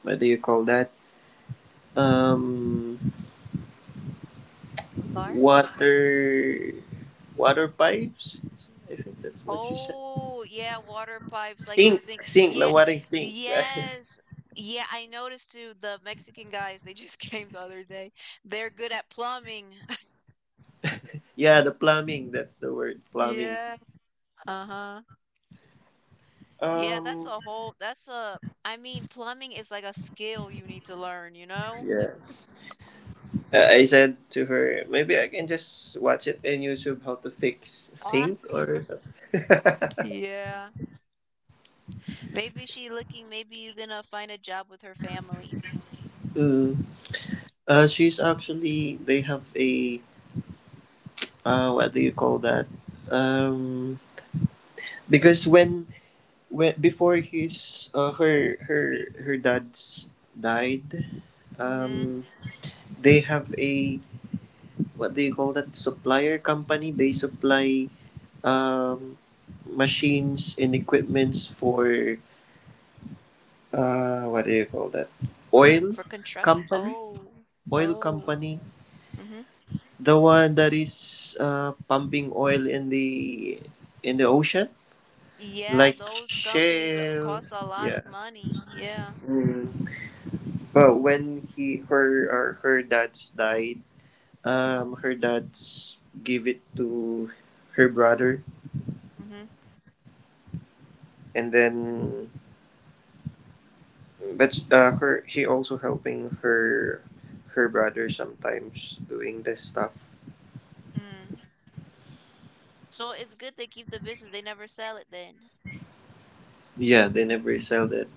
B: what do you call that? Um,
A: A car?
B: water, water pipes. I think that's what you said.
A: Oh, yeah, water pipes like the
B: Sink,
A: sink.
B: sink, the
A: Yeah.
B: water sink, right?
A: Yes. Yeah, I noticed too the Mexican guys, they just came the other day. They're good at plumbing.
B: Yeah, the plumbing. That's the word, plumbing.
A: Yeah. Uh-huh. Yeah, that's
B: Um,
A: a whole that's a I mean, plumbing is like a skill you need to learn, you know?
B: yes. I I said to her, maybe I can just watch it in YouTube how to fix
A: Ah.
B: sink or something.
A: Yeah. Maybe she looking, maybe you gonna find a job with her family.
B: Mm. Uh, she's actually they have a, uh, what do you call that? Um, because when when before his, uh, her her her dad's died,
A: Mm-hmm.
B: um they have a, what do you call that, supplier company, they supply, um machines and equipments for, uh what do you call that,
A: For con-
B: oil
A: for construct.
B: company,
A: Oh.
B: oil
A: Oh.
B: company
A: Mm-hmm.
B: the one that is, uh pumping oil in the in the ocean,
A: Yeah,
B: like
A: those companies are-
B: Shell.
A: cost a lot
B: Yeah.
A: of money. Yeah.
B: Mm. But when he her or her dad's died,
A: Uh-huh.
B: um, her dad's gave it to her brother,
A: Mm-hmm.
B: and then, but uh, her she also helping her her brother sometimes doing this stuff.
A: Mm. So it's good they keep the business. They never sell it then.
B: Yeah, they never sell it.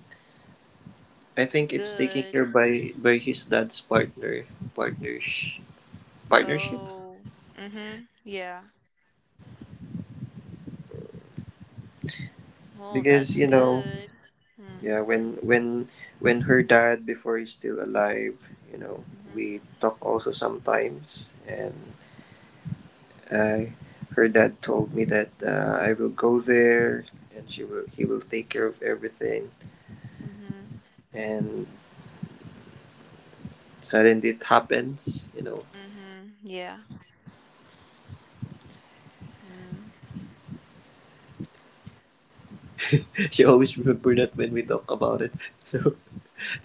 B: I think it's taken
A: Good.
B: care by by his dad's partner partners partnership.
A: Oh. Mm-hmm. Yeah. Well,
B: Because
A: that's
B: you know.
A: good. Hmm.
B: Yeah, when when when her dad before he's still alive, you know,
A: Mhm,
B: we talk also sometimes, and, uh, her dad told me that, uh, I will go there, and she will he will take care of everything,
A: mhm,
B: and suddenly it happens, you know.
A: mhm, yeah, mm,
B: She always remember that when we talk about it. So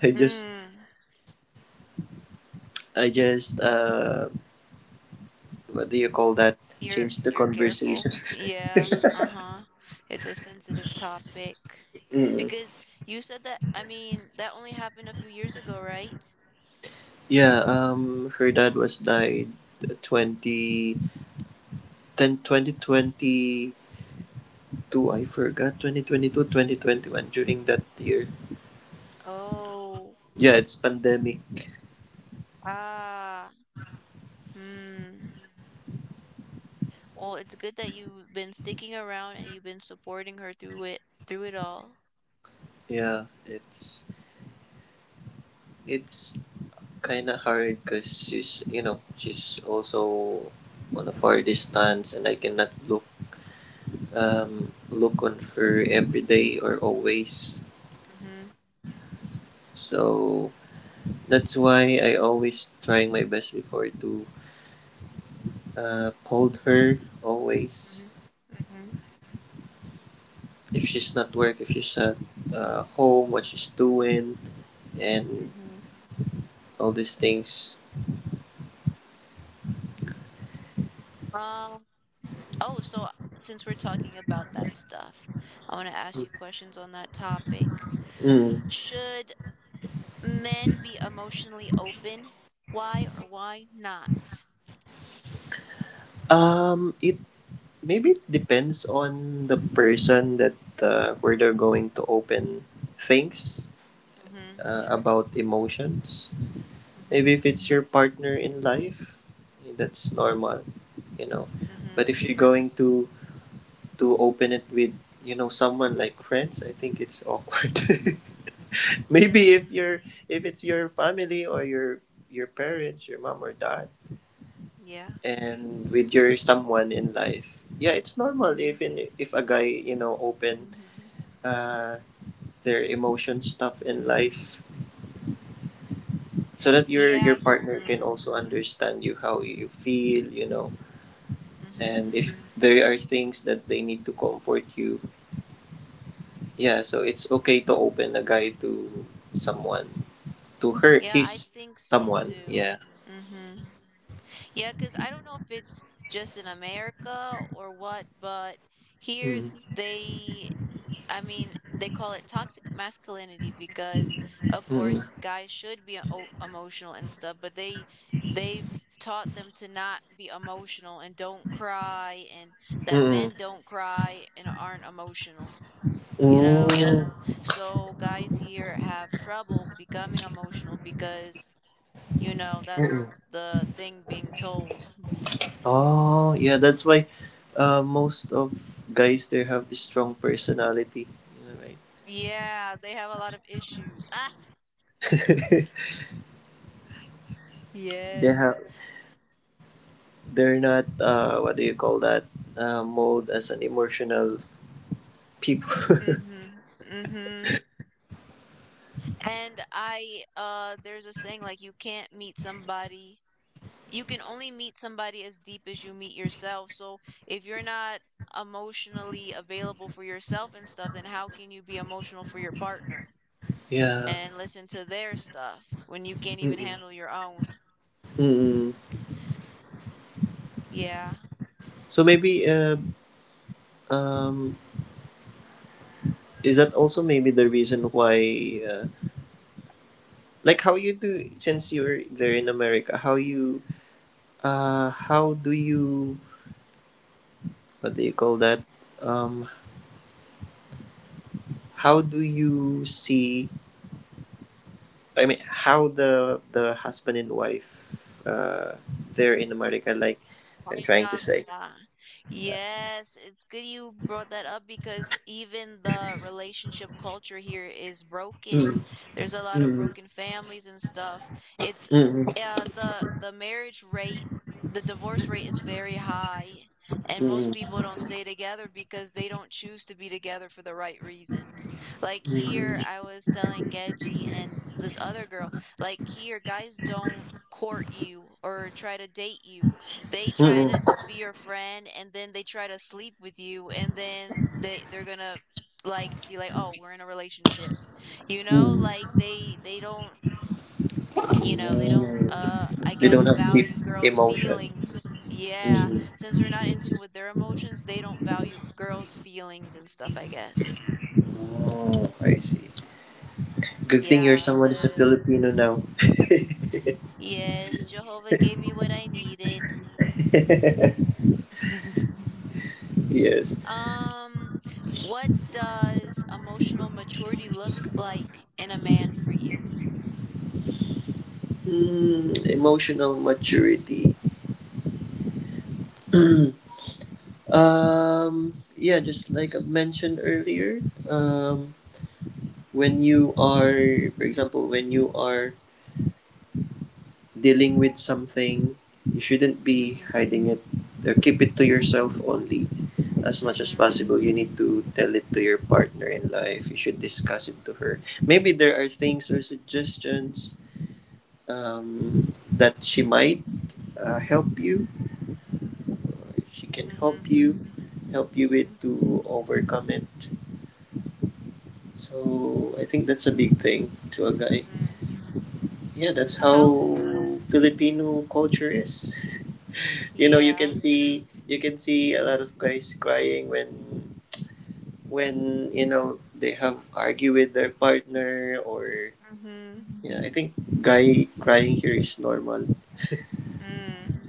B: I just,
A: mm,
B: I just uh, what do you call that?
A: you're
B: Change the
A: you're
B: conversation.
A: careful, yeah, uh-huh, it's a sensitive topic,
B: Mm.
A: because you said that, I mean, that only happened a few years ago, right?
B: Yeah, um, her dad was died, twenty then twenty twenty two. I forgot, twenty twenty two, twenty twenty one, during that year.
A: Oh,
B: Yeah, it's pandemic.
A: ah, hmm. Well, it's good that you've been sticking around and you've been supporting her through it, through it all.
B: Yeah, it's it's kind of hard, because she's, you know she's also on a far distance, and I cannot look, um look on her every day or always.
A: Mhm,
B: So that's why I always trying my best before to, uh, called her always,
A: mhm, mhm,
B: if she's not work, if she's at, uh, home, what she's doing, and
A: mhm,
B: all these things.
A: um. Oh, so since we're talking about that stuff, I want to ask you questions on that topic.
B: Mm.
A: Should men be emotionally open? Why or why not?
B: Um, it maybe it depends on the person that, uh, where they're going to open things,
A: Mm-hmm.
B: uh, about emotions.
A: Mm-hmm.
B: Maybe if it's your partner in life, that's normal, you know.
A: Mm-hmm.
B: But if you're going to to open it with, you know someone like friends, I think it's awkward. Maybe if
A: Mm-hmm.
B: you're, if it's your family or your your parents, your mom or dad,
A: Yeah.
B: and with your someone in life, yeah, it's normal.
A: Mm-hmm.
B: Even if a guy, you know, open,
A: Mm-hmm.
B: uh, their emotion stuff in life, so that your your
A: Yeah.
B: partner can
A: Mm,
B: also understand you how you feel, you know,
A: mm-hmm.
B: and if there are things that they need to comfort you, yeah. So it's okay to open a guy to someone, to her,
A: Yeah, I
B: his
A: think so
B: someone,
A: too.
B: yeah.
A: Mm-hmm. Yeah, because I don't know if it's just in America or what, but here
B: Mm.
A: they I mean, they call it toxic masculinity because, of
B: Mm.
A: course, guys should be o- emotional and stuff, but they they've taught them to not be emotional and don't cry and that
B: Mm-mm.
A: men don't cry and aren't emotional, you know?
B: Mm.
A: So guys here have trouble becoming emotional because, you know, that's
B: Mm-mm.
A: the thing being told.
B: Oh, yeah, that's why, uh, most of guys there have this strong personality, you know,
A: Yeah, they have a lot of issues. Ah,
B: right? They
A: yes.
B: have, they're not, uh what do you call that? Uh, mold as an emotional people.
A: Mm-hmm. Mm-hmm. And I uh there's a saying like you can't meet somebody you can only meet somebody as deep as you meet yourself. So if you're not emotionally available for yourself and stuff, then how can you be emotional for your partner
B: Yeah.
A: and listen to their stuff when you can't even
B: Mm-mm.
A: handle your own?
B: Mm-mm.
A: Yeah.
B: So maybe, uh, um is that also maybe the reason why, uh, like how you do since you're there in America, how you, uh how do you, what do you call that? um How do you see? I mean, how the the husband and wife, uh, there in America? Like,
A: Oh,
B: I'm trying to
A: yeah.
B: say.
A: Yeah. Yes, it's good you brought that up because even the relationship culture here is broken.
B: Mm,
A: There's a lot of
B: mm,
A: broken families and stuff. It's
B: mm,
A: uh the the marriage rate, the divorce rate is very high, and most
B: mm,
A: people don't stay together because they don't choose to be together for the right reasons. Like here,
B: mm,
A: I was telling Geji and this other girl, like here, guys don't court you or try to date you. They try
B: mm,
A: to just be your friend and then they try to sleep with you and then they they're gonna like be like, oh we're in a relationship, you know,
B: mm,
A: like they they don't, you know, they don't
B: mm.
A: uh I
B: They
A: guess
B: don't have deep
A: value girls
B: emotion.
A: feelings. Yeah,
B: Mm.
A: since they're not in tune with their emotions they don't value girls feelings and stuff I guess.
B: Oh, I see. Good thing you're
A: Yeah
B: someone is a
A: so.
B: Filipino now.
A: Yes Jehovah gave me what I needed.
B: Yes.
A: Um, what does emotional maturity look like in a man for you?
B: Mm, emotional maturity. Um, yeah, just like I mentioned earlier, um, when you are, for example, when you are dealing with something, you shouldn't be
A: Mhm.
B: hiding it, or keep it to yourself only, as much as
A: Mhm.
B: possible. You need to tell it to your partner in life. You should discuss it to her. Maybe there are things or suggestions, um, that she might, uh, help you. She can
A: Mhm.
B: help you, help you with
A: Mhm.
B: to overcome it. So I think that's a big thing to a guy.
A: Mm.
B: Yeah, that's
A: How?
B: how Filipino culture is. You know, you can
A: Yeah.
B: see you can see a lot of guys crying when when you know they have argue with their partner, or
A: Mhm.
B: yeah, I think guy crying here is normal.
A: Mm.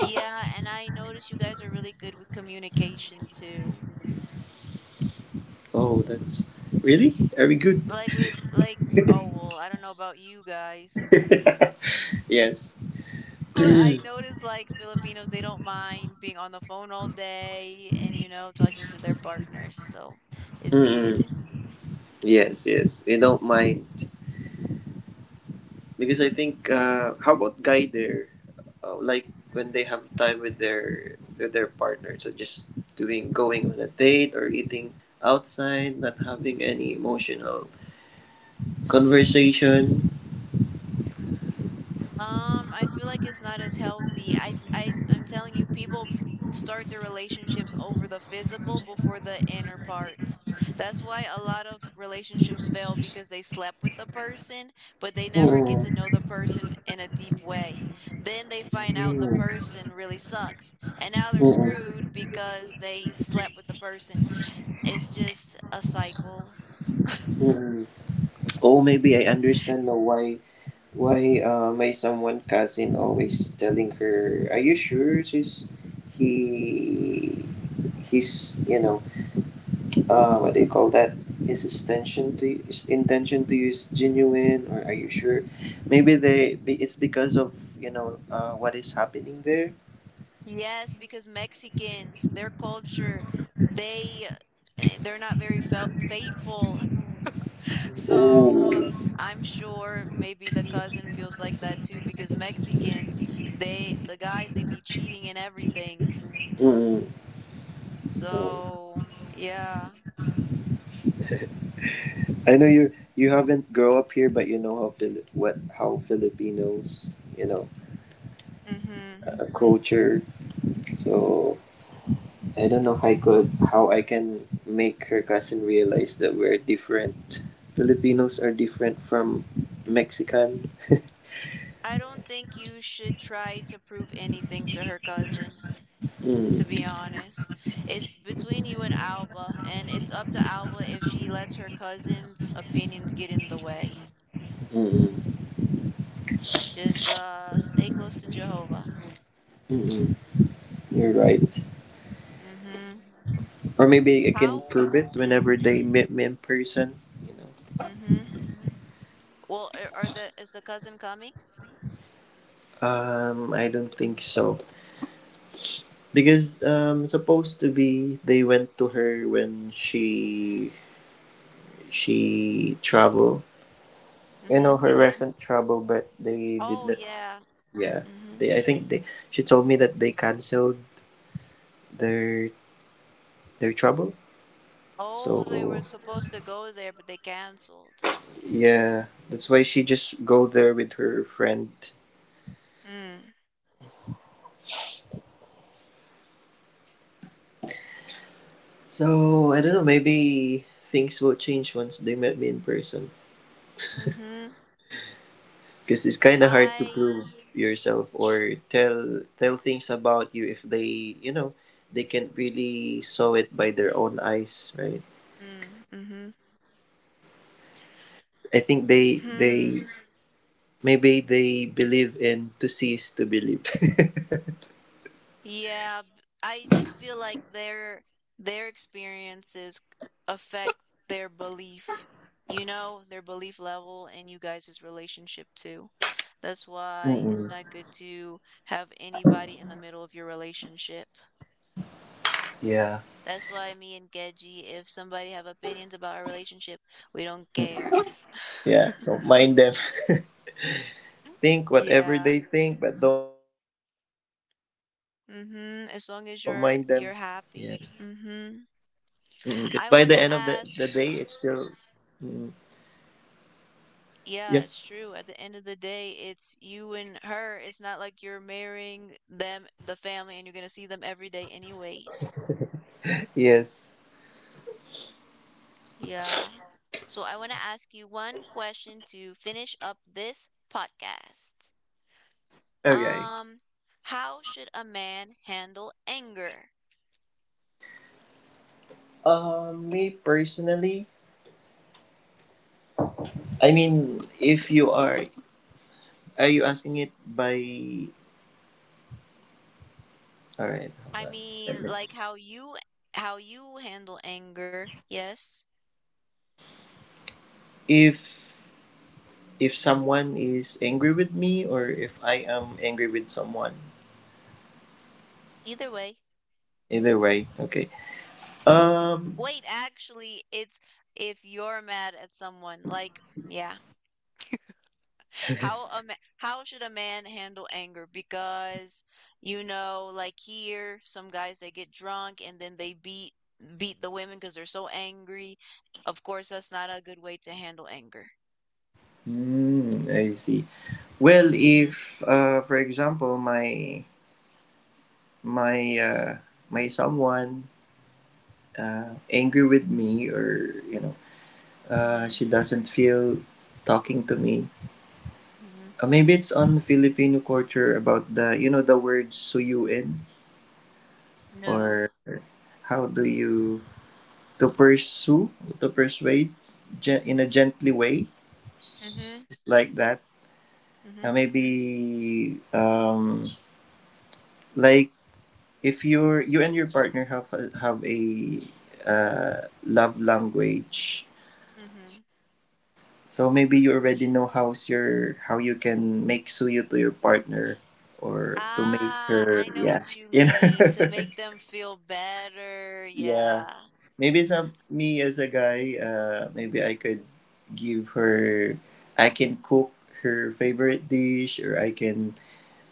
A: Yeah, and I notice you guys are really good with communication too.
B: Oh, that's really? Are we good?
A: Like with like Oh well, I don't know about you guys.
B: Yes.
A: But I notice, like, Filipinos, they don't mind being on the phone all day and, you know, talking to their partners, so it's good.
B: Mm-mm. Yes, yes. We don't mind, because I think, uh, how about guy there, uh, like when they have time with their with their partner, so just doing going on a date or eating outside, not having any emotional conversation.
A: Um, I feel like it's not as healthy. I I I'm telling you, people b- start their relationships over the physical before the inner part. That's why a lot of relationships fail because they slept with the person, but they never get to know the
B: Mm,
A: person in a deep way. Then they find out the
B: mm,
A: person really sucks, and now they're screwed
B: mm,
A: because they slept with the person. It's just a cycle.
B: mm. Oh, maybe I understand now, why why uh, my someone cousin always telling her, are you sure, she's he he's, you know, uh, what do you call that? His intention, to his intention to use genuine, or are you sure? Maybe they be- it's because of, you know uh, what is happening there.
A: Yes, because Mexicans, their culture, they eh, they're not very fel faithful.
B: Oh.
A: So I'm sure maybe the cousin feels like that too because Mexicans, they the guys they be cheating and everything.
B: Mm. Oh.
A: So yeah.
B: I know you you haven't grow up here, but you know how Fili- what how Filipinos, you know
A: Mm-hmm.
B: uh, culture. So I don't know how I could, how I can make her cousin realize that we're different. Filipinos are different from Mexican.
A: I don't think you should try to prove anything to her cousin, to be
B: Mm,
A: honest. It's between you and Alba, and it's up to Alba if she lets her cousin's opinions get in the way.
B: mm. Mm.
A: Just, uh, stay close to Jehovah.
B: Mm-mm, you're right.
A: Mhm.
B: Or maybe I can
A: How
B: prove it whenever
A: mm,
B: they meet me in person. You know.
A: mhm. Well, are are the is the cousin coming?
B: Um, I don't think so, because um, supposed to be they went to her when she she travel.
A: Mm.
B: You know
A: Mhm.
B: her recent trouble, but they did
A: Oh,
B: not.
A: yeah.
B: Yeah,
A: Mm. Mhm.
B: they. I think they. She told me that they canceled their their trouble.
A: Oh, they were
B: So
A: supposed to go there, but they canceled.
B: yeah, that's why she just go there with her friend.
A: Mm.
B: So I don't know. Maybe things will change once they met me in person.
A: Mm, mhm.
B: Because it's kind of hard to
A: I
B: prove yourself or tell tell things about you, if they, you know, they can't really saw it by their own eyes, right?
A: Mm. mm, mhm.
B: I think they, they
A: Hmm.
B: maybe they believe in to see is to believe.
A: Yeah, b- I just feel like their their experiences affect their belief, you know, their belief level and you guys' relationship too. That's why
B: Mm-mm.
A: it's not good to have anybody in the middle of your relationship.
B: Yeah,
A: That's why me and Geji, if somebody have opinions about our relationship, we don't care.
B: yeah. Don't mind them. Think
A: Yeah.
B: whatever they think, but don't mind them.
A: Mm-hmm.
B: Yes.
A: As long as you're you're happy. Mm-hmm.
B: Mm-mm. 'Cause
A: I
B: by
A: want to
B: the end of the
A: ask.
B: the day, it's still. Mm-mm.
A: Yeah, it's
B: Yes.
A: true. At the end of the day, it's you and her. It's not like you're marrying them, the family, and you're gonna see them every day anyways.
B: Yes.
A: Yeah. So I want to ask you one question to finish up this podcast.
B: Okay.
A: Um, how should a man handle anger?
B: Um, me personally, I mean, if you are, are you asking it by? All right,
A: I
B: hold on. Let
A: mean,
B: me-
A: like how you how you handle anger. Yes.
B: If if someone is angry with me, or if I am angry with someone,
A: Either way.
B: either way, okay. Um,
A: Wait, actually, it's if you're mad at someone, like, yeah. How a ma- how should a man handle anger? Because you know, like here, some guys they get drunk and then they beat beat the women because they're so angry. Of course, that's not a good way to handle anger.
B: hmm, I see. Well,
A: Mhm.
B: if, uh, for example, my my uh, my someone, uh, angry with me, or, you know Uh,
A: Mhm.
B: she doesn't feel talking to me.
A: Mhm.
B: Uh, maybe it's on Filipino culture about the you know the word suyuin,
A: No.
B: or how do you, to pursue, to persuade, gen- in a gently way,
A: Mhm.
B: just like that. Uh,
A: Mhm.
B: maybe, um, like if you're you and your partner have a, have a uh, love language.
A: Mhm.
B: So maybe you already know how's your, how you can make suyo to your partner, or to make
A: Ah, I
B: her,
A: know
B: yeah.
A: what you
B: You know?
A: mean. To make them feel better.
B: Yeah.
A: Yeah.
B: Maybe some, me as a guy, uh maybe I could, give her I can cook her favorite dish, or I can,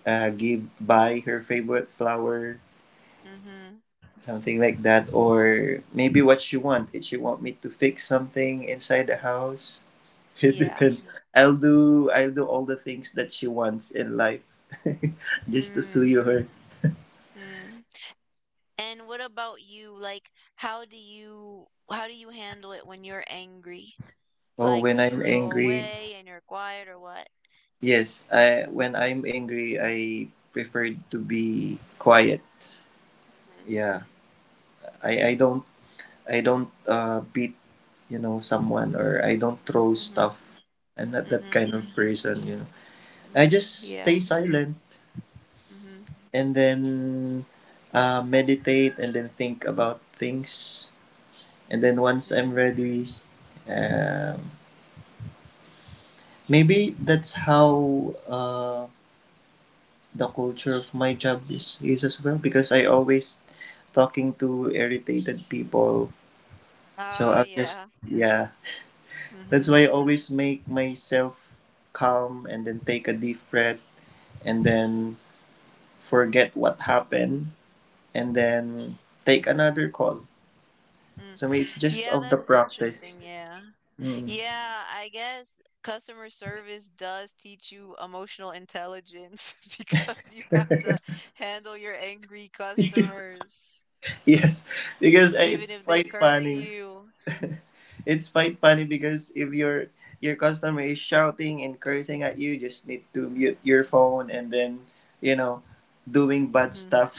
B: uh give buy her favorite flower,
A: Mhm.
B: something like that, or maybe what she want. If she want me to fix something inside the house, it
A: Yeah.
B: depends. I'll do I'll do all the things that she wants in life, just to sue
A: Mm.
B: her.
A: Mm. And what about you? Like, how do you how do you handle it when you're angry?
B: Oh,
A: Like, do
B: when
A: you
B: I'm
A: go
B: angry,
A: away and you're quiet or what?
B: yes, I, when I'm angry, I prefer to be quiet. Yeah. I I don't I don't, uh beat, you know, someone, or I don't throw
A: Mm-hmm.
B: stuff. I'm not
A: Mm-hmm.
B: that
A: Mm-hmm.
B: kind of person, you know. I
A: Mm-hmm.
B: just
A: Yeah.
B: stay silent,
A: Mm-hmm.
B: and then, uh meditate, and then think about things, and then once I'm
A: Mm.
B: ready, um, maybe that's how, uh, the culture of my job is, is as well, because I always talking to irritated people. So
A: Ah,
B: I'll just,
A: yeah.
B: yeah. That's
A: Mm-hmm.
B: why I always make myself calm, and then take a deep breath, and then forget what happened, and then take another call.
A: Mm.
B: So, may- it's just
A: Yeah,
B: of the
A: that's interesting.
B: practice.
A: Yeah.
B: Mm.
A: Yeah, I guess customer service does teach you emotional intelligence because you have to handle your angry customers,
B: Yes, because, uh,
A: even
B: it's
A: if they
B: quite
A: curse
B: funny.
A: you.
B: It's quite funny, because if your your customer is shouting and cursing at you, just need to mute your phone, and then, you know doing bad
A: Mhm,
B: stuff.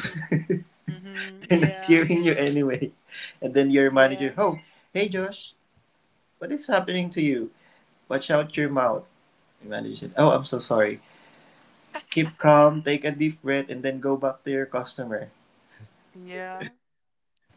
A: mhm,
B: They're not
A: yeah,
B: hearing you anyway, and then your manager,
A: yeah,
B: oh, hey Josh, what is happening to you? Watch out your mouth. Your manager said, oh, I'm so sorry. Keep calm, take a deep breath, and then go back to your customer.
A: yeah.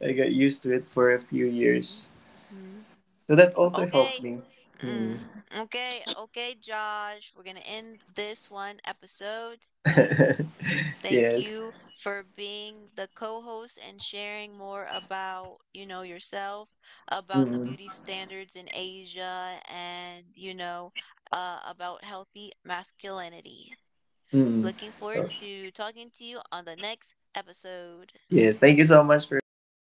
B: I got used to it for a few years,
A: Mhm.
B: so that also helped
A: Okay.
B: me. Hmm.
A: Mm. Okay, okay, Josh. We're gonna end this one episode. Thank
B: Yeah.
A: you for being the co-host and sharing more about, you know, yourself, about the
B: Mm-mm.
A: beauty standards in Asia and, you know, uh, about healthy masculinity.
B: Mm-mm.
A: Looking forward to talking to you on the next episode.
B: Yeah, thank you so much for having